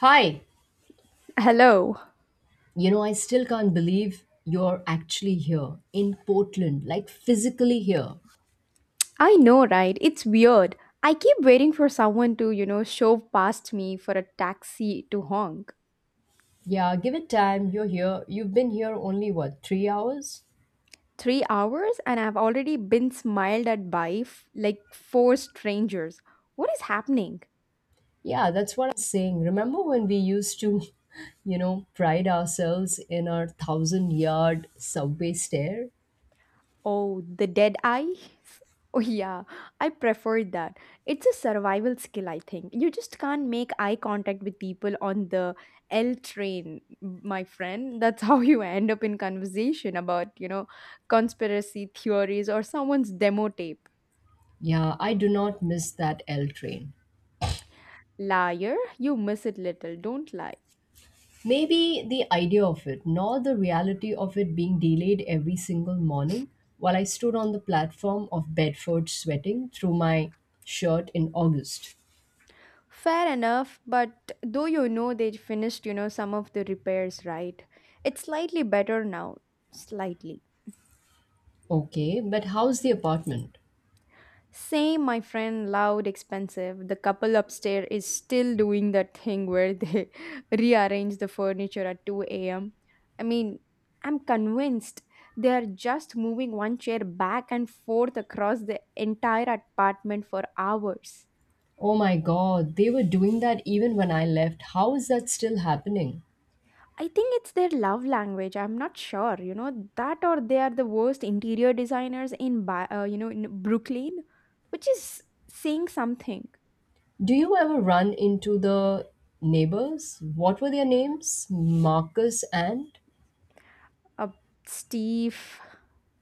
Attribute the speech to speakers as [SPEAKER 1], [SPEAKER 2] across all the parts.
[SPEAKER 1] Hi.
[SPEAKER 2] Hello.
[SPEAKER 1] I still can't believe you're actually here in Portland, like physically here.
[SPEAKER 2] I know, right? It's weird. I keep waiting for someone to, shove past me for a taxi to honk.
[SPEAKER 1] Yeah, give it time. You're here. You've been here only what, 3 hours?
[SPEAKER 2] 3 hours and I've already been smiled at by like four strangers. What is happening?
[SPEAKER 1] Yeah, that's what I'm saying. Remember when we used to, pride ourselves in our thousand yard subway stare?
[SPEAKER 2] Oh, the dead eye? Oh, yeah, I prefer that. It's a survival skill, I think. You just can't make eye contact with people on the L train, my friend. That's how you end up in conversation about, conspiracy theories or someone's demo tape.
[SPEAKER 1] Yeah, I do not miss that L train.
[SPEAKER 2] Liar, you miss it little, don't lie.
[SPEAKER 1] Maybe the idea of it, nor the reality of it being delayed every single morning while I stood on the platform of Bedford sweating through my shirt in August.
[SPEAKER 2] Fair enough, but though you know they finished, some of the repairs, right? It's slightly better now. Slightly.
[SPEAKER 1] Okay, but how's the apartment?
[SPEAKER 2] Same, my friend, loud, expensive. The couple upstairs is still doing that thing where they rearrange the furniture at 2 a.m. I mean, I'm convinced they are just moving one chair back and forth across the entire apartment for hours.
[SPEAKER 1] Oh my god, they were doing that even when I left. How is that still happening?
[SPEAKER 2] I think it's their love language. I'm not sure, that or they are the worst interior designers in, in Brooklyn, which is saying something.
[SPEAKER 1] Do you ever run into the neighbors? What were their names? Marcus and?
[SPEAKER 2] Uh, Steve,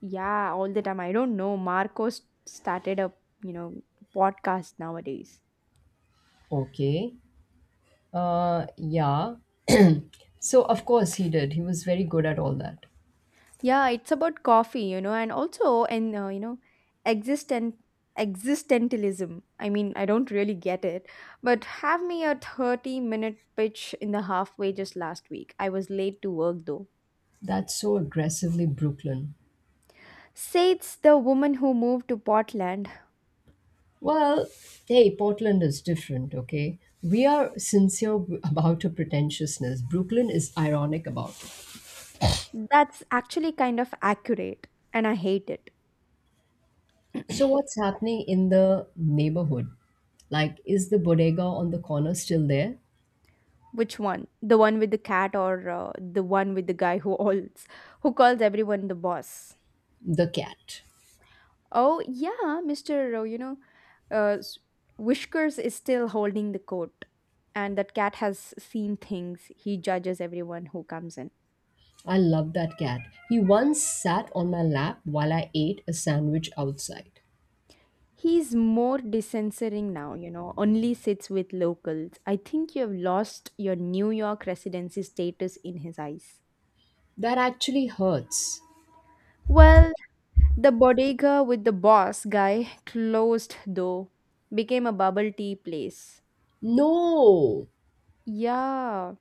[SPEAKER 2] yeah, all the time. I don't know. Marcos started a you know podcast nowadays.
[SPEAKER 1] Okay. Yeah. So, of course, he did. He was very good at all that.
[SPEAKER 2] Yeah, it's about coffee, and also and existent existentialism. I mean, I don't really get it, but have me a 30-minute pitch in the halfway just last week. I was late to work though.
[SPEAKER 1] That's so aggressively Brooklyn.
[SPEAKER 2] Says the woman who moved to Portland.
[SPEAKER 1] Well, hey, Portland is different, okay? We are sincere about our pretentiousness. Brooklyn is ironic about it.
[SPEAKER 2] That's actually kind of accurate, and I hate it.
[SPEAKER 1] So, what's happening in the neighborhood? Like, is the bodega on the corner still there?
[SPEAKER 2] Which one? The one with the cat or the one with the guy who alls who calls everyone the boss?
[SPEAKER 1] The cat.
[SPEAKER 2] Oh yeah, Mr. Uh, s- Whiskers is still holding the coat, and that cat has seen things. He judges everyone who comes in.
[SPEAKER 1] I love that cat. He once sat on my lap while I ate a sandwich outside.
[SPEAKER 2] He's more dissensoring now, only sits with locals. I think you have lost your New York residency status in his eyes.
[SPEAKER 1] That actually hurts.
[SPEAKER 2] Well, the bodega with the boss guy closed though, became a bubble tea place.
[SPEAKER 1] No!
[SPEAKER 2] Yeah.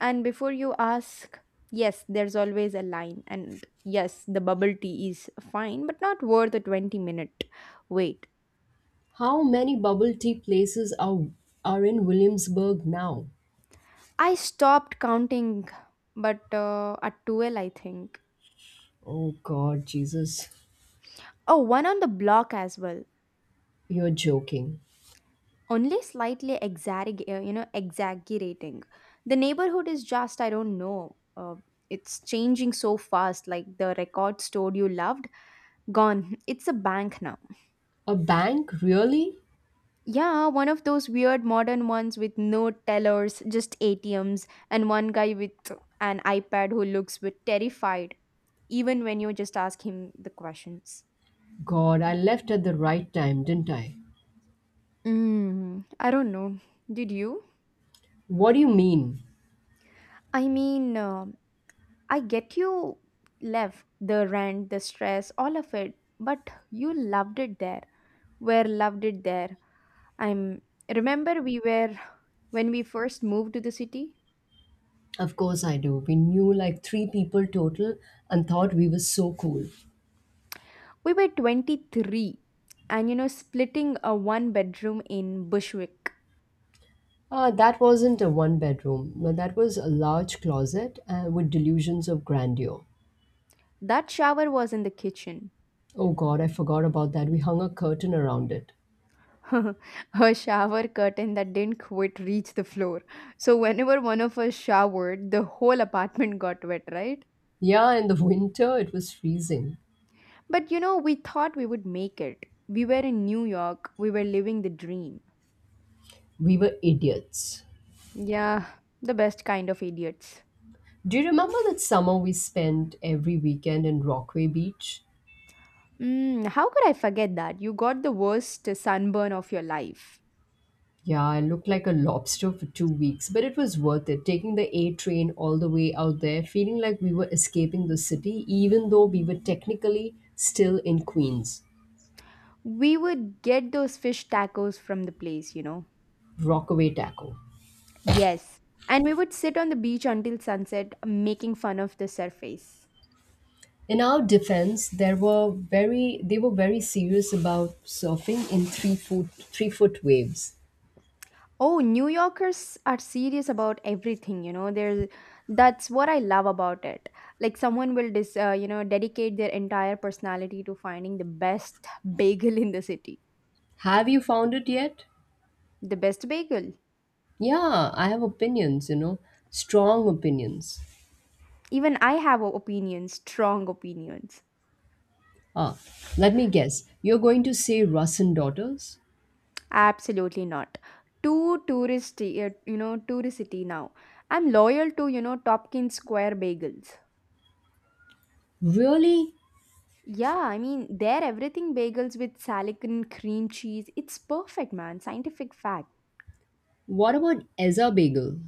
[SPEAKER 2] And before you ask, yes, there's always a line. And yes, the bubble tea is fine, but not worth a 20-minute wait.
[SPEAKER 1] How many bubble tea places are in Williamsburg now?
[SPEAKER 2] I stopped counting, but at 12, I think.
[SPEAKER 1] Oh God, Jesus,
[SPEAKER 2] Oh, one on the block as well.
[SPEAKER 1] you're joking.
[SPEAKER 2] Only slightly exaggerating. The neighborhood is just I don't know it's changing so fast. Like the record store you loved, gone. It's a bank now.
[SPEAKER 1] A bank? Really?
[SPEAKER 2] Yeah, one of those weird modern ones with no tellers, just ATMs and one guy with an iPad who looks bit terrified even when you just ask him the questions.
[SPEAKER 1] God, I left at the right time, didn't I?
[SPEAKER 2] I don't know, did you?
[SPEAKER 1] What do you mean?
[SPEAKER 2] I mean, I get you left the rent, the stress, all of it, but you loved it there. Where loved it there? I'm remember we were when we first moved to the city.
[SPEAKER 1] Of course I do. We knew like three people total and thought we were so cool.
[SPEAKER 2] We were 23 and splitting a one bedroom in Bushwick.
[SPEAKER 1] Ah, that wasn't a one bedroom. No, that was a large closet with delusions of grandeur.
[SPEAKER 2] That shower was in the kitchen.
[SPEAKER 1] Oh God, I forgot about that. We hung a curtain around it.
[SPEAKER 2] Her shower curtain that didn't quite reach the floor. So whenever one of us showered, the whole apartment got wet, right?
[SPEAKER 1] Yeah, in the winter it was freezing.
[SPEAKER 2] But you know, we thought we would make it. We were in New York, we were living the dream.
[SPEAKER 1] We were idiots.
[SPEAKER 2] Yeah, the best kind of idiots.
[SPEAKER 1] Do you remember that summer we spent every weekend in Rockaway Beach?
[SPEAKER 2] Mm, how could I forget that? You got the worst sunburn of your life.
[SPEAKER 1] Yeah, I looked like a lobster for 2 weeks, but it was worth it. Taking the A train all the way out there, feeling like we were escaping the city, even though we were technically still in Queens.
[SPEAKER 2] We would get those fish tacos from the place, you know.
[SPEAKER 1] Rockaway Taco.
[SPEAKER 2] Yes. And we would sit on the beach until sunset, making fun of the surface.
[SPEAKER 1] In our defense, there were very they were very serious about surfing in three foot waves.
[SPEAKER 2] Oh, New Yorkers are serious about everything, you know. There's that's what I love about it. Like someone will dedicate their entire personality to finding the best bagel in the city.
[SPEAKER 1] Have you found it yet?
[SPEAKER 2] The best bagel.
[SPEAKER 1] Yeah, I have opinions, strong opinions.
[SPEAKER 2] Even I have opinions, strong opinions.
[SPEAKER 1] Ah, let me guess. You're going to say Russian Daughters?
[SPEAKER 2] Absolutely not. Too touristy, touristy now. I'm loyal to, Tompkins Square bagels.
[SPEAKER 1] Really?
[SPEAKER 2] Yeah, I mean, they're everything bagels with salad and cream cheese. It's perfect, man. Scientific fact.
[SPEAKER 1] What about Ezra Bagel?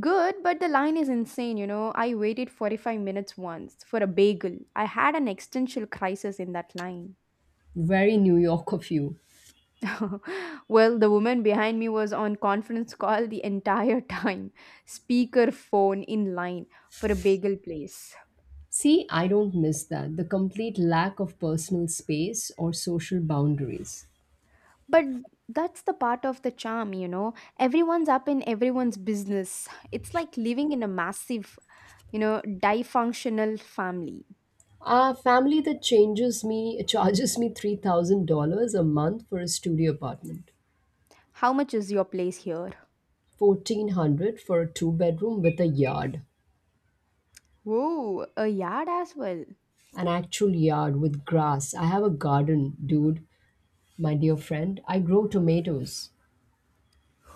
[SPEAKER 2] Good, but the line is insane, you know. I waited 45 minutes once for a bagel. I had an existential crisis in that line.
[SPEAKER 1] Very New York of you.
[SPEAKER 2] Well, the woman behind me was on conference call the entire time, speaker phone in line for a bagel place.
[SPEAKER 1] See, I don't miss that. The complete lack of personal space or social boundaries.
[SPEAKER 2] But that's the part of the charm, you know. Everyone's up in everyone's business. It's like living in a massive, dysfunctional family.
[SPEAKER 1] A family that changes me charges me $3,000 a month for a studio apartment.
[SPEAKER 2] How much is your place here?
[SPEAKER 1] 1,400 for a two-bedroom with a yard.
[SPEAKER 2] Whoa, a yard as well.
[SPEAKER 1] An actual yard with grass. I have a garden, dude, my dear friend. I grow tomatoes.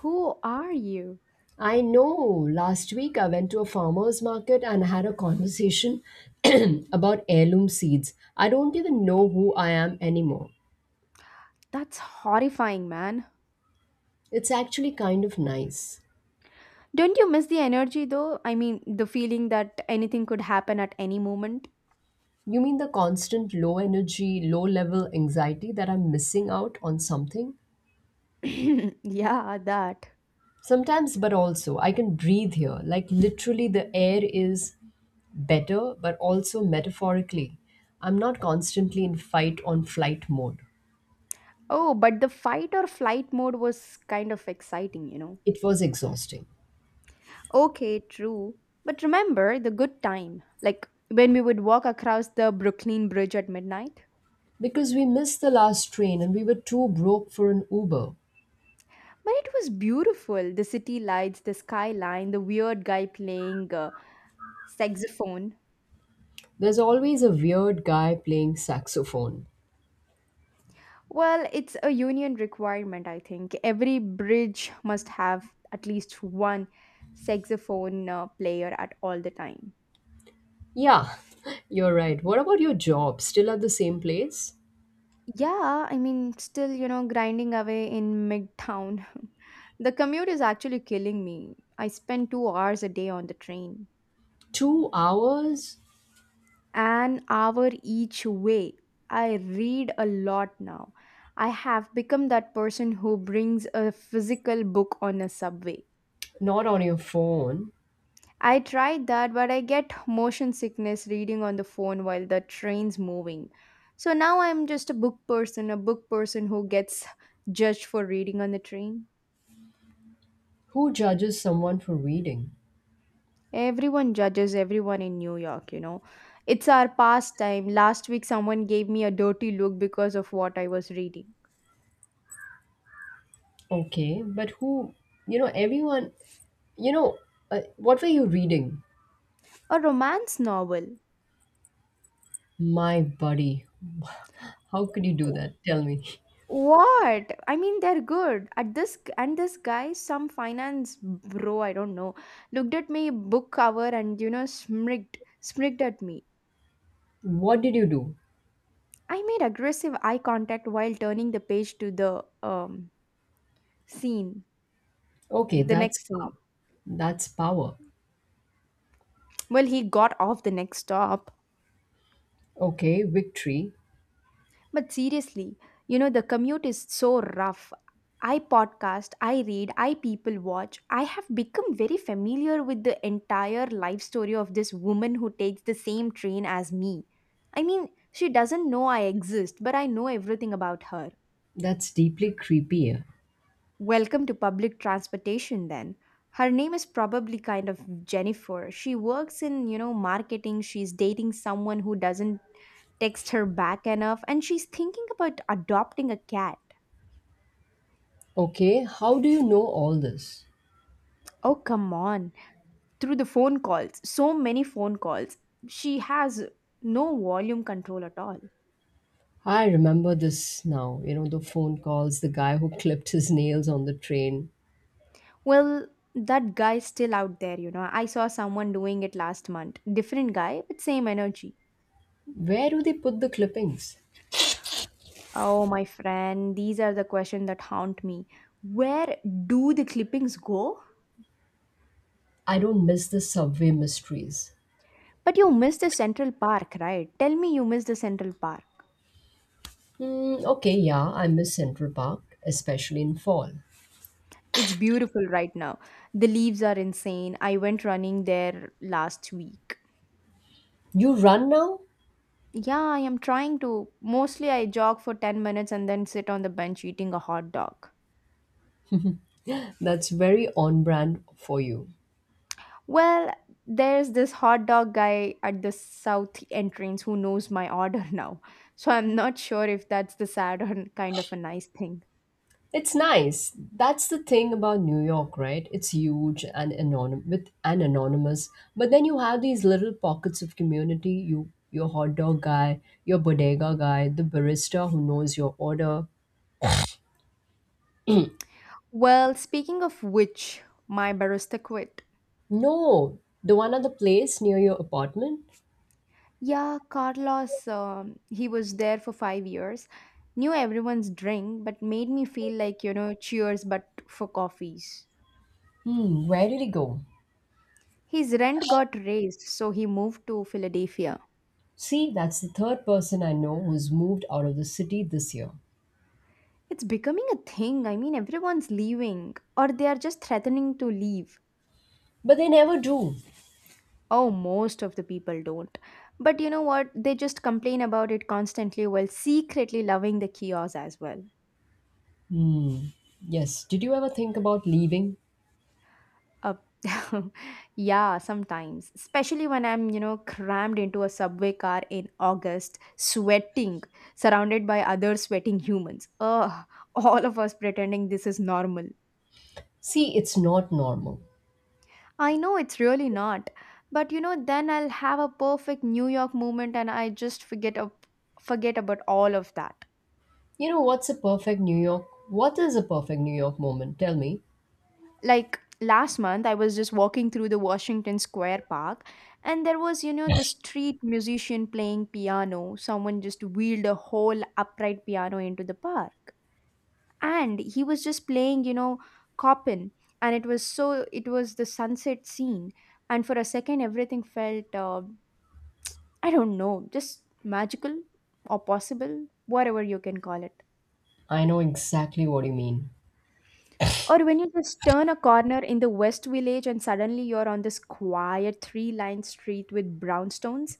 [SPEAKER 2] Who are you?
[SPEAKER 1] I know. Last week I went to a farmer's market and had a conversation about heirloom seeds. I don't even know who I am anymore.
[SPEAKER 2] That's horrifying, man.
[SPEAKER 1] It's actually kind of nice.
[SPEAKER 2] Don't you miss the energy though? I mean, the feeling that anything could happen at any moment?
[SPEAKER 1] You mean the constant low energy, low level anxiety that I'm missing out on something?
[SPEAKER 2] Yeah, that.
[SPEAKER 1] Sometimes, but also, I can breathe here. Like, literally, the air is better, but also metaphorically. I'm not constantly in fight on flight mode.
[SPEAKER 2] Oh, but the fight or flight mode was kind of exciting, you know.
[SPEAKER 1] It was exhausting.
[SPEAKER 2] Okay, true. But remember the good time, like when we would walk across the Brooklyn Bridge at midnight?
[SPEAKER 1] Because we missed the last train and we were too broke for an Uber.
[SPEAKER 2] But it was beautiful, the city lights, the skyline, the weird guy playing saxophone.
[SPEAKER 1] There's always a weird guy playing saxophone.
[SPEAKER 2] Well, it's a union requirement, I think. Every bridge must have at least one saxophone player at all the time.
[SPEAKER 1] Yeah, you're right. What about your job? Still at the same place?
[SPEAKER 2] Yeah, I mean, still, grinding away in Midtown. The commute is actually killing me. I spend 2 hours a day on the train,
[SPEAKER 1] 2 hours?
[SPEAKER 2] an hour each way. I read a lot now. I have become that person who brings a physical book on a subway.
[SPEAKER 1] Not on your phone.
[SPEAKER 2] I tried that, but I get motion sickness reading on the phone while the train's moving. So now I'm just a book person who gets judged for reading on the train.
[SPEAKER 1] Who judges someone for reading?
[SPEAKER 2] Everyone judges everyone in New York, you know. It's our pastime. Last week, someone gave me a dirty look because of what I was reading.
[SPEAKER 1] Okay, but who? You know, everyone. You know, what were you reading?
[SPEAKER 2] A romance novel.
[SPEAKER 1] My buddy. How could you do that? Tell me.
[SPEAKER 2] What? I mean, they're good. At this and this guy, some finance bro, I don't know, looked at me book cover and smirked at me.
[SPEAKER 1] What did you do?
[SPEAKER 2] I made aggressive eye contact while turning the page to the scene,
[SPEAKER 1] Okay,
[SPEAKER 2] the next
[SPEAKER 1] that's
[SPEAKER 2] scene.
[SPEAKER 1] power.
[SPEAKER 2] Well, he got off the next stop.
[SPEAKER 1] Okay, victory.
[SPEAKER 2] But seriously, the commute is so rough. I podcast, I read, I people watch. I have become very familiar with the entire life story of this woman who takes the same train as me. I mean, she doesn't know I exist, but I know everything about her.
[SPEAKER 1] That's deeply creepier.
[SPEAKER 2] Welcome to public transportation then. Her name is probably kind of Jennifer. She works in, marketing. She's dating someone who doesn't text her back enough and she's thinking about adopting a cat.
[SPEAKER 1] Okay, how do you know all this?
[SPEAKER 2] Oh, come on. Through the phone calls, so many phone calls. She has no volume control at all.
[SPEAKER 1] I remember this now. The phone calls, the guy who clipped his nails on the train.
[SPEAKER 2] Well, that guy's still out there, you know. I saw someone doing it last month. Different guy, but same energy.
[SPEAKER 1] Where do they put the clippings?
[SPEAKER 2] Oh, my friend, these are the questions that haunt me. Where do the clippings go?
[SPEAKER 1] I don't miss the subway mysteries.
[SPEAKER 2] But you missed the Central Park, right? Tell me you missed the Central Park.
[SPEAKER 1] Hmm, okay, yeah, I miss Central Park, especially in fall.
[SPEAKER 2] It's beautiful right now. The leaves are insane. I went running there last week.
[SPEAKER 1] You run now?
[SPEAKER 2] Yeah, I am trying to. Mostly I jog for 10 minutes and then sit on the bench eating a hot dog.
[SPEAKER 1] That's very on brand for you.
[SPEAKER 2] Well, there's this hot dog guy at the south entrance who knows my order now. So I'm not sure if that's the sad or kind of a nice thing.
[SPEAKER 1] It's nice. That's the thing about New York, right? It's huge and anonymous with and anonymous. But then you have these little pockets of community. Your hot dog guy, your bodega guy, the barista who knows your order.
[SPEAKER 2] Well, speaking of which, my barista quit.
[SPEAKER 1] No, the one at the place near your apartment.
[SPEAKER 2] Yeah, Carlos, he was there for 5 years, knew everyone's drink, but made me feel like, cheers, but for coffees.
[SPEAKER 1] Hmm, where did he go?
[SPEAKER 2] His rent got raised, so he moved to Philadelphia.
[SPEAKER 1] See, that's the third person I know who's moved out of the city this year.
[SPEAKER 2] It's becoming a thing. I mean, everyone's leaving, or they are just threatening to leave.
[SPEAKER 1] But they never do.
[SPEAKER 2] Oh, most of the people don't. But you know what? They just complain about it constantly while secretly loving the chaos as well.
[SPEAKER 1] Hmm. Yes. Did you ever think about leaving?
[SPEAKER 2] Uh, yeah, sometimes. Especially when I'm, crammed into a subway car in August, sweating, surrounded by other sweating humans. Ugh, all of us pretending this is normal.
[SPEAKER 1] See, it's not normal.
[SPEAKER 2] I know it's really not. But you know, then I'll have a perfect New York moment and I just forget about all of that.
[SPEAKER 1] You know what's a perfect New York? What is a perfect New York moment? Tell me.
[SPEAKER 2] Like last month I was just walking through the Washington Square Park, and there was, the street musician playing piano. Someone just wheeled a whole upright piano into the park. And he was just playing, Chopin, and it was so it was the sunset scene, and for a second everything felt I don't know, just magical or possible, whatever you can call it.
[SPEAKER 1] I know exactly what you mean.
[SPEAKER 2] Or when you just turn a corner in the West Village and suddenly you're on this quiet three line street with brownstones,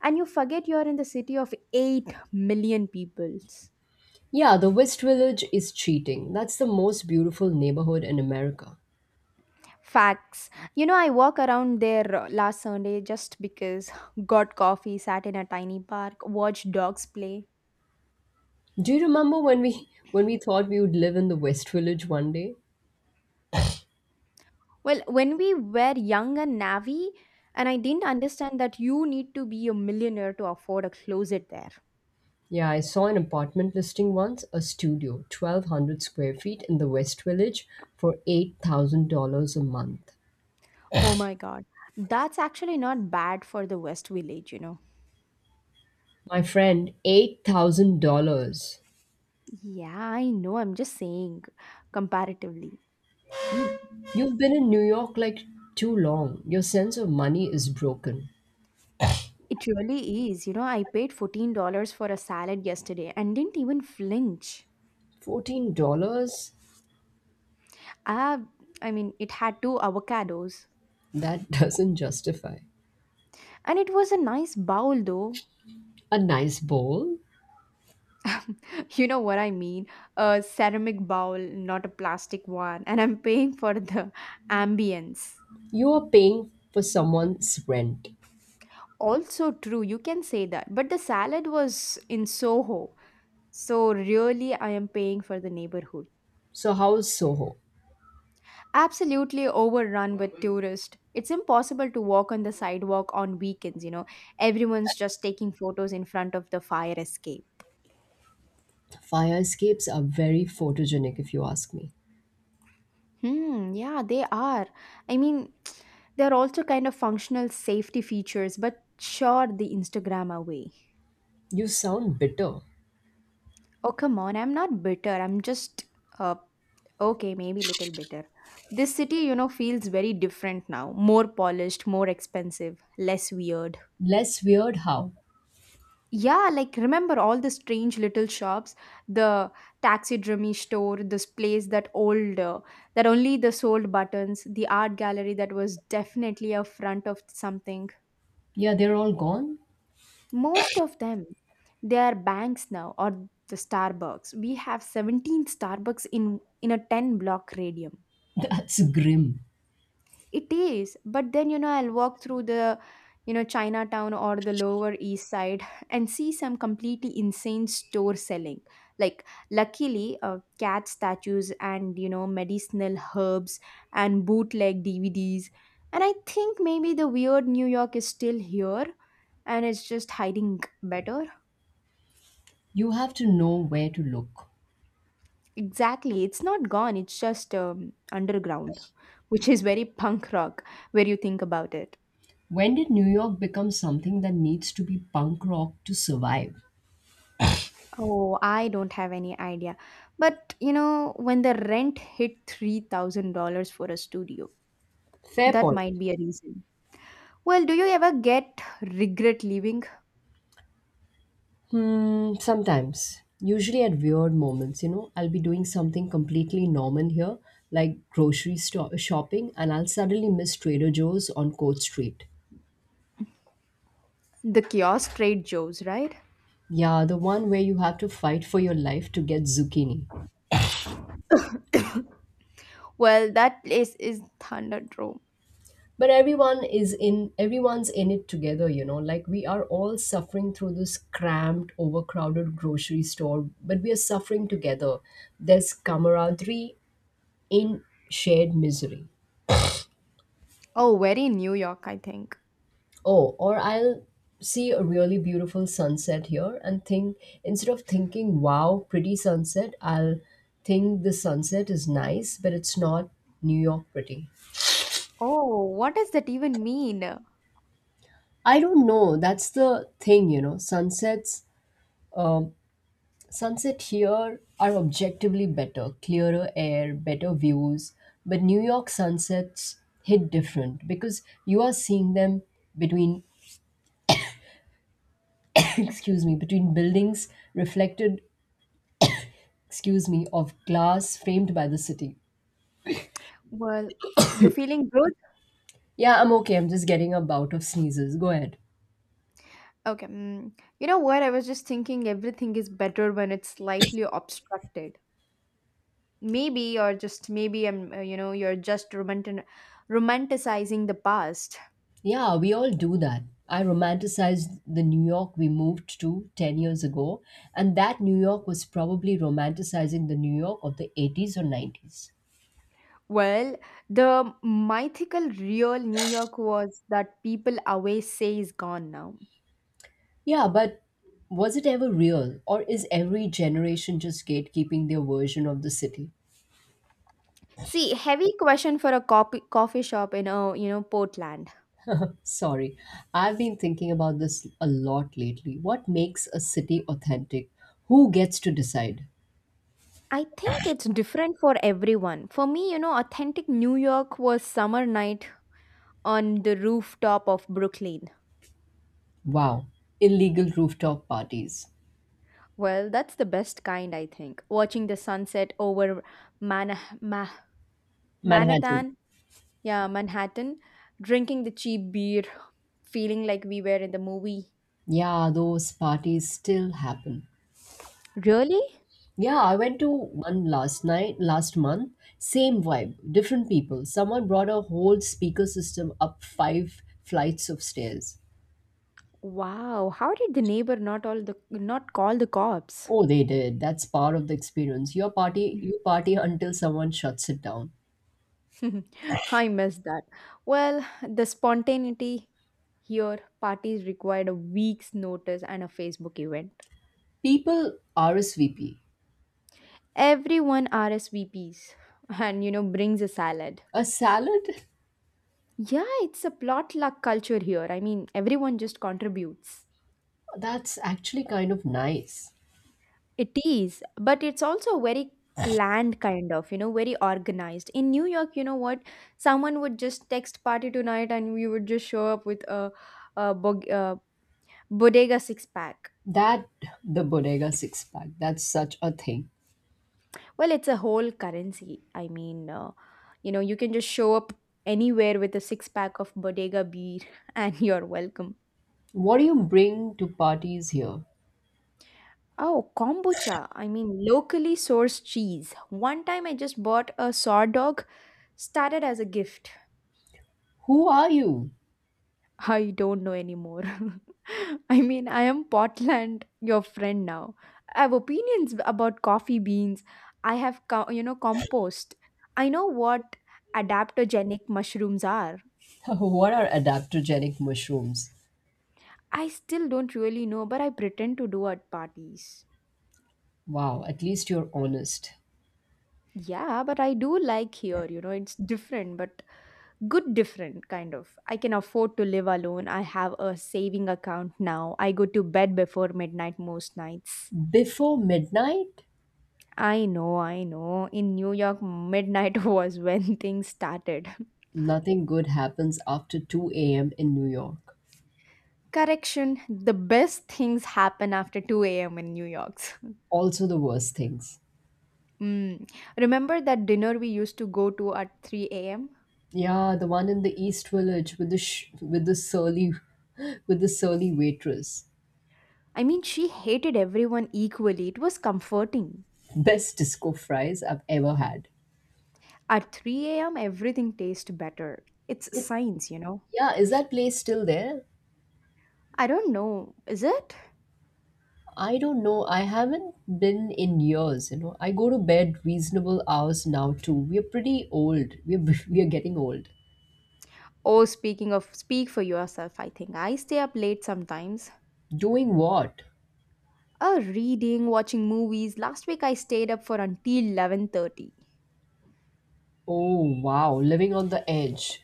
[SPEAKER 2] and you forget you're in the city of 8 million peoples.
[SPEAKER 1] Yeah, the West Village is cheating. That's the most beautiful neighborhood in America.
[SPEAKER 2] Facts. You know, I walk around there last Sunday just because got coffee, sat in a tiny park, watched dogs play.
[SPEAKER 1] Do you remember when we thought we would live in the West Village one day?
[SPEAKER 2] Well, when we were young and navvy, and I didn't understand that you need to be a millionaire to afford a closet there.
[SPEAKER 1] Yeah, I saw an apartment listing once, a studio, 1,200 square feet in the West Village for $8,000 a month.
[SPEAKER 2] Oh my god. That's actually not bad for the West Village.
[SPEAKER 1] My friend, $8,000.
[SPEAKER 2] Yeah, I know. I'm just saying, comparatively.
[SPEAKER 1] You've been in New York like too long. Your sense of money is broken.
[SPEAKER 2] It really is. You know, I paid $14 for a salad yesterday and didn't even flinch.
[SPEAKER 1] $14?
[SPEAKER 2] Ah, I mean, it had two avocados.
[SPEAKER 1] That doesn't justify
[SPEAKER 2] And it was a nice bowl, though.
[SPEAKER 1] a nice bowl.
[SPEAKER 2] You know what I mean? A ceramic bowl, not a plastic one. And I'm paying for the ambience.
[SPEAKER 1] You are paying for someone's rent.
[SPEAKER 2] Also true, you can say that. But the salad was in Soho. So really I am paying for the neighborhood.
[SPEAKER 1] So, how is Soho?
[SPEAKER 2] Absolutely overrun with tourists. It's impossible to walk on the sidewalk on weekends. Everyone's just taking photos in front of the fire escape.
[SPEAKER 1] Fire escapes are very photogenic, if you ask me.
[SPEAKER 2] Hmm, yeah, they are. I mean, they're also kind of functional safety features, but sure, the Instagram away.
[SPEAKER 1] You sound bitter.
[SPEAKER 2] Oh, come on, I'm not bitter. I'm just, uh, okay, maybe little bitter. This city, feels very different now. More polished, more expensive, less weird.
[SPEAKER 1] Less weird, how?
[SPEAKER 2] Yeah, like remember all the strange little shops, the taxidermy store, this place that old that only the sold buttons, the art gallery that was definitely a front of something.
[SPEAKER 1] Yeah, they're all gone?
[SPEAKER 2] Most of them, they are banks now, or the Starbucks. We have 17 Starbucks in a 10 block radius.
[SPEAKER 1] That's grim.
[SPEAKER 2] It is, but then I'll walk through the Chinatown or the Lower East Side and see some completely insane store selling, like, luckily cat statues and medicinal herbs, and bootleg DVDs, and I think maybe the weird New York is still here, and it's just hiding better.
[SPEAKER 1] You have to know where to look.
[SPEAKER 2] Exactly. It's not gone, it's just underground, which is very punk rock where you think about it.
[SPEAKER 1] When did New York become something that needs to be punk rock to survive?
[SPEAKER 2] Oh, I don't have any idea. But you know, when the rent hit $3,000 for a studio,
[SPEAKER 1] Fair
[SPEAKER 2] that
[SPEAKER 1] point.
[SPEAKER 2] might be a reason. Well, do you ever get regret leaving
[SPEAKER 1] Hmm, sometimes, usually at weird moments, I'll be doing something completely normal here, like grocery shopping, and I'll suddenly miss Trader Joe's on Court Street.
[SPEAKER 2] the kiosk trade Joe's, right?
[SPEAKER 1] Yeah, the one where you have to fight for your life to get zucchini.
[SPEAKER 2] Well, that place is Thunderdome.
[SPEAKER 1] But everyone's in it together, like we are all suffering through this cramped, overcrowded grocery store, but we are suffering together. There's camaraderie in shared misery.
[SPEAKER 2] Oh, very New York, I think.
[SPEAKER 1] Oh, or I'll see a really beautiful sunset here and think, instead of thinking, wow, pretty sunset, I'll think the sunset is nice, but it's not New York pretty.
[SPEAKER 2] Oh, what does that even mean?
[SPEAKER 1] I don't know. That's the thing. Um, Sunset here are objectively better, clearer air, better views. But New York sunsets hit different because you are seeing them between, excuse me, between buildings reflected excuse me, of glass framed by the city.
[SPEAKER 2] Well, you're feeling.
[SPEAKER 1] Yeah, I'm okay. I'm just getting a bout of sneezes. Go ahead.
[SPEAKER 2] Okay. You know what? I was just thinking everything is better when it's slightly obstructed. Maybe, or just maybe, you're just romanticizing the past.
[SPEAKER 1] Yeah, we all do that. I romanticized the New York we moved to 10 years ago, and that New York was probably romanticizing the New York of the 80s or 90s.
[SPEAKER 2] Well, the mythical real New York was that people always say is gone now.
[SPEAKER 1] Yeah, but was it ever real, or is every generation just gatekeeping their version of the city?
[SPEAKER 2] See, heavy question for a coffee shop in, a Portland.
[SPEAKER 1] Sorry, I've been thinking about this a lot lately. What makes a city authentic? Who gets to decide?
[SPEAKER 2] I think it's different for everyone. For me, authentic New York was summer night on the rooftop of Brooklyn.
[SPEAKER 1] Wow, illegal rooftop parties.
[SPEAKER 2] Well, that's the best kind, I think. Watching the sunset over Manah- Ma-
[SPEAKER 1] Manhattan.
[SPEAKER 2] Manhattan, yeah, Manhattan, drinking the cheap beer, feeling like we were in the movie.
[SPEAKER 1] Yeah, those parties still happen.
[SPEAKER 2] Really?
[SPEAKER 1] Yeah, I went to one last month. Same vibe, different people. Someone brought a whole speaker system up five flights of stairs.
[SPEAKER 2] Wow, how did the neighbor not all the not call the cops?
[SPEAKER 1] Oh, they did. That's part of the experience. You party until someone shuts it down.
[SPEAKER 2] I miss that. Well, the spontaneity here, parties required a week's notice and a Facebook event.
[SPEAKER 1] People RSVP.
[SPEAKER 2] Everyone RSVPs and brings a salad.
[SPEAKER 1] A salad?
[SPEAKER 2] Yeah, it's a plot luck culture here. I mean, everyone just contributes.
[SPEAKER 1] That's actually kind of nice.
[SPEAKER 2] It is, but it's also very planned kind of, very organized. In New York, you know what? Someone would just text party tonight and we would just show up with a bodega six pack.
[SPEAKER 1] That, the Bodega six pack, that's such a thing.
[SPEAKER 2] Well, it's a whole currency. I mean, you can just show up anywhere with a six pack of bodega beer and you're welcome.
[SPEAKER 1] What do you bring to parties here?
[SPEAKER 2] Oh, kombucha. I mean, locally sourced cheese. One time I just bought a saw dog, started as a gift.
[SPEAKER 1] Who are you?
[SPEAKER 2] I don't know anymore. I mean, I am Portland, your friend now. I have opinions about coffee beans. I have, compost. I know what adaptogenic mushrooms are.
[SPEAKER 1] What are adaptogenic mushrooms?
[SPEAKER 2] I still don't really know, but I pretend to do at parties.
[SPEAKER 1] Wow, at least you're honest.
[SPEAKER 2] Yeah, but I do like here, it's different, but good different kind of. I can afford to live alone. I have a saving account now. I go to bed before midnight most nights.
[SPEAKER 1] Before midnight,
[SPEAKER 2] I know, in New York, midnight was when things started.
[SPEAKER 1] nothing good happens after 2 a.m. in New York.
[SPEAKER 2] Correction, the best things happen after 2 a.m. in New York.
[SPEAKER 1] Also, the worst things.
[SPEAKER 2] Mm. Remember that dinner we used to go to at 3 a.m.
[SPEAKER 1] Yeah, the one in the East Village with the surly with the surly waitress.
[SPEAKER 2] I mean, she hated everyone equally. It was comforting.
[SPEAKER 1] Best disco fries I've ever had.
[SPEAKER 2] At 3 a.m. everything tastes better it's
[SPEAKER 1] It,
[SPEAKER 2] science you know
[SPEAKER 1] yeah, is that place still there?
[SPEAKER 2] I don't know, is it?
[SPEAKER 1] I don't know. I haven't been in years. I go to bed reasonable hours now too. We're pretty old. We're we're getting old.
[SPEAKER 2] Oh, speaking of speak for yourself, I think I stay up late sometimes.
[SPEAKER 1] Doing what?
[SPEAKER 2] Reading, watching movies. Last week I stayed up for until 11:30.
[SPEAKER 1] Oh, wow, living on the edge.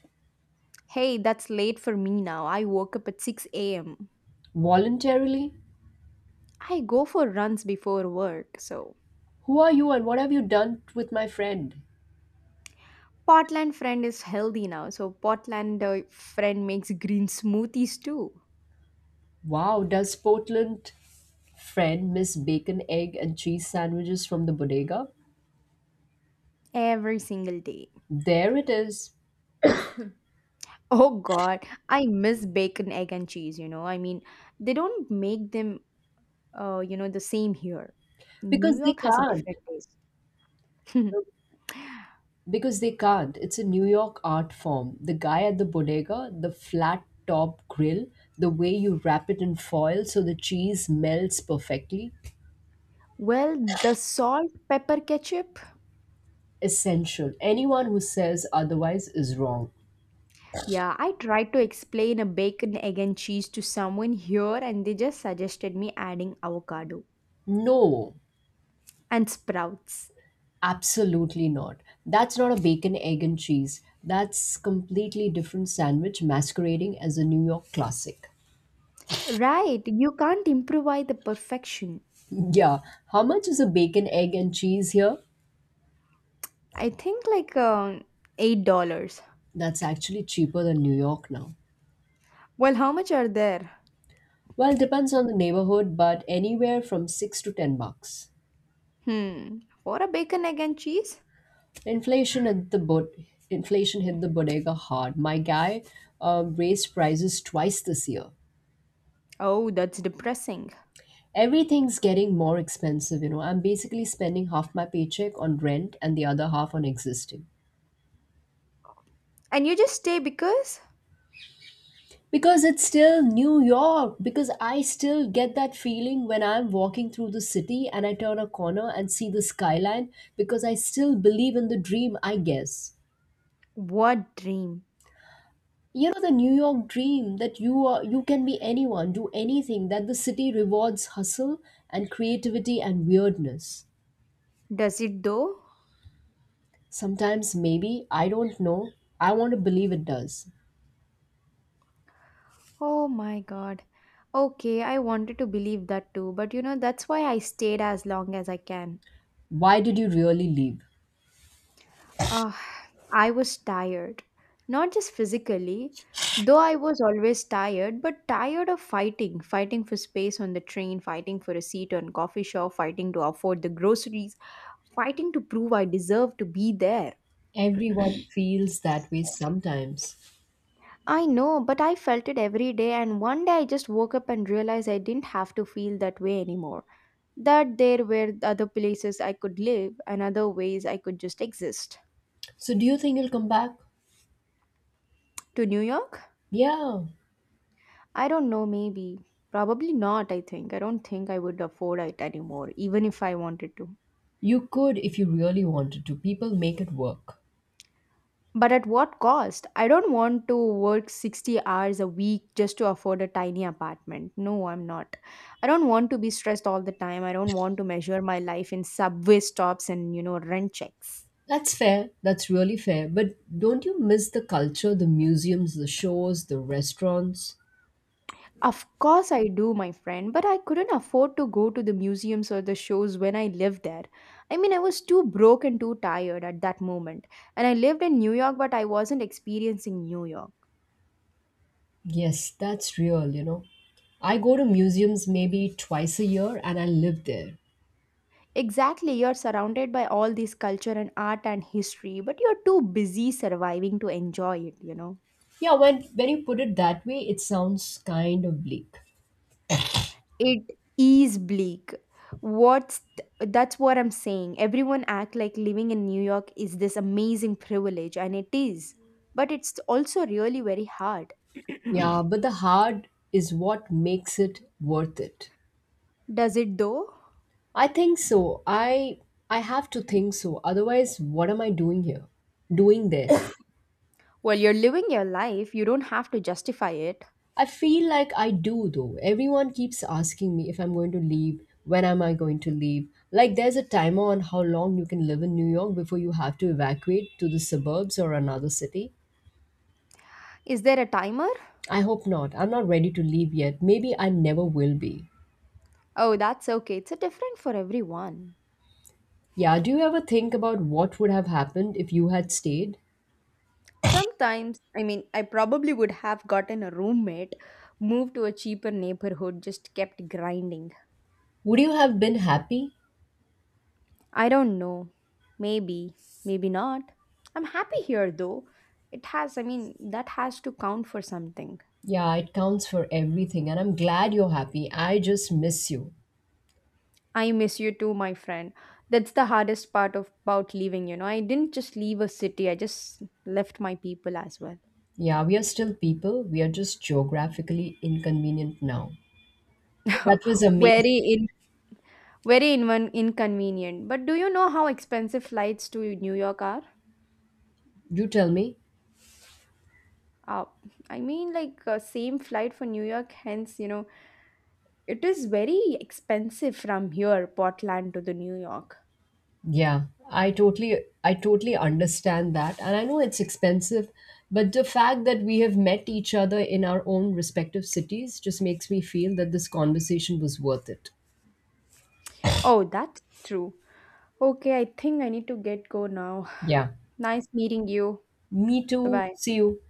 [SPEAKER 2] Hey, that's late for me now. I woke up at 6 a.m.
[SPEAKER 1] Voluntarily?
[SPEAKER 2] I go for runs before work, so
[SPEAKER 1] Who are you and what have you done with my friend?
[SPEAKER 2] Portland friend is healthy now. So Portland friend makes green smoothies too
[SPEAKER 1] Wow, does Portland friend miss bacon, egg, and cheese sandwiches from the bodega?
[SPEAKER 2] every single day.
[SPEAKER 1] There it is.
[SPEAKER 2] Oh god, I miss bacon egg and cheese. I mean, they don't make them the same here. New
[SPEAKER 1] Because they
[SPEAKER 2] York has a
[SPEAKER 1] can't.
[SPEAKER 2] different taste.
[SPEAKER 1] Because they can't. It's a New York art form. The guy at the bodega, the flat top grill, the way you wrap it in foil so the cheese melts perfectly.
[SPEAKER 2] Well, the salt pepper ketchup.
[SPEAKER 1] Essential. Anyone who says otherwise is wrong.
[SPEAKER 2] Yeah, I tried to explain a bacon, egg, and cheese to someone here, and they just suggested me adding avocado
[SPEAKER 1] No,
[SPEAKER 2] and sprouts.
[SPEAKER 1] absolutely not. That's not a bacon, egg, and cheese. That's completely different sandwich masquerading as a New York classic.
[SPEAKER 2] Right, you can't improvise the perfection.
[SPEAKER 1] Yeah, how much is a bacon, egg, and cheese here?
[SPEAKER 2] I think like $8.
[SPEAKER 1] That's actually cheaper than New York now.
[SPEAKER 2] Well, how much are there?
[SPEAKER 1] Well, depends on the neighborhood, but anywhere from 6 to 10 bucks.
[SPEAKER 2] Hmm, for a bacon, egg, and cheese?
[SPEAKER 1] Inflation hit the bo- inflation hit the bodega hard. My guy raised prices twice this year.
[SPEAKER 2] Oh, that's depressing.
[SPEAKER 1] Everything's getting more expensive. I'm basically spending half my paycheck on rent and the other half on existing.
[SPEAKER 2] And you just stay because?
[SPEAKER 1] Because it's still New York, because I still get that feeling when I'm walking through the city and I turn a corner and see the skyline, because I still believe in the dream, I guess.
[SPEAKER 2] What dream?
[SPEAKER 1] You know the new york dream that you can be anyone do anything that the city rewards hustle and creativity and weirdness.
[SPEAKER 2] Does it though?
[SPEAKER 1] Sometimes maybe I don't know I want to believe it does.
[SPEAKER 2] Oh my god. Okay, I wanted to believe that too, but that's why I stayed as long as I can.
[SPEAKER 1] Why did you really leave?
[SPEAKER 2] Ah, I was tired. Not just physically, though I was always tired, but tired of fighting. Fighting for space on the train, fighting for a seat on coffee shop, fighting to afford the groceries, fighting to prove I deserve to be there.
[SPEAKER 1] Everyone feels that way sometimes.
[SPEAKER 2] I know, but I felt it every day, and one day I just woke up and realized I didn't have to feel that way anymore. That there were other places I could live and other ways I could just exist.
[SPEAKER 1] So do you think you'll come back?
[SPEAKER 2] To New York?
[SPEAKER 1] Yeah.
[SPEAKER 2] I don't know, maybe. Probably not, I think. I don't think I would afford it anymore, even if I wanted to.
[SPEAKER 1] You could if you really wanted to people make it work.
[SPEAKER 2] But at what cost? I don't want to work 60 hours a week just to afford a tiny apartment. No, I'm not. I don't want to be stressed all the time. I don't want to measure my life in subway stops and, rent checks.
[SPEAKER 1] That's fair. That's really fair. But don't you miss the culture, the museums, the shows, the restaurants?
[SPEAKER 2] Of course, I do, my friend, but I couldn't afford to go to the museums or the shows when I lived there. I mean, I was too broke and too tired at that moment. And I lived in New York, but I wasn't experiencing New York.
[SPEAKER 1] Yes, that's real. I go to museums maybe twice a year and I live there.
[SPEAKER 2] Exactly, you're surrounded by all this culture and art and history, but you're too busy surviving to enjoy it.
[SPEAKER 1] Yeah, when you put it that way, it sounds kind of bleak.
[SPEAKER 2] It is bleak. What's that's what I'm saying. Everyone act like living in New York is this amazing privilege, and it is, but it's also really very hard.
[SPEAKER 1] Yeah, but the hard is what makes it worth it.
[SPEAKER 2] Does it though?
[SPEAKER 1] I think so. I have to think so. Otherwise, what am I doing here? Doing there?
[SPEAKER 2] Well, you're living your life, you don't have to justify it.
[SPEAKER 1] I feel like I do though. Everyone keeps asking me if I'm going to leave, when am I going to leave? Like there's a timer on how long you can live in New York before you have to evacuate to the suburbs or another city.
[SPEAKER 2] Is there a timer?
[SPEAKER 1] I hope not. I'm not ready to leave yet. Maybe I never will be.
[SPEAKER 2] Oh, that's okay, it's a different for everyone.
[SPEAKER 1] Yeah, do you ever think about what would have happened if you had stayed?
[SPEAKER 2] Sometimes, I mean, I probably would have gotten a roommate, moved to a cheaper neighborhood, just kept grinding.
[SPEAKER 1] Would you have been happy?
[SPEAKER 2] I don't know. Maybe, maybe not. I'm happy here though. It has, I mean, that has to count for something.
[SPEAKER 1] Yeah, it counts for everything, and I'm glad you're happy. I just miss you.
[SPEAKER 2] I miss you too, my friend. That's the hardest part of about leaving. I didn't just leave a city, I just left my people as well.
[SPEAKER 1] Yeah, we are still people, we are just geographically inconvenient now. That was amazing.
[SPEAKER 2] very in very inconvenient. But do you know how expensive flights to New York are?
[SPEAKER 1] You tell me.
[SPEAKER 2] Uh, I mean, like same flight for New York, hence, it is very expensive from here, Portland to the New York.
[SPEAKER 1] Yeah, I totally understand that and I know it's expensive, but the fact that we have met each other in our own respective cities just makes me feel that this conversation was worth it.
[SPEAKER 2] Oh, that's true. Okay, I think I need to get go now.
[SPEAKER 1] Yeah.
[SPEAKER 2] Nice meeting you.
[SPEAKER 1] Me
[SPEAKER 2] Bye
[SPEAKER 1] too.
[SPEAKER 2] bye.
[SPEAKER 1] See you.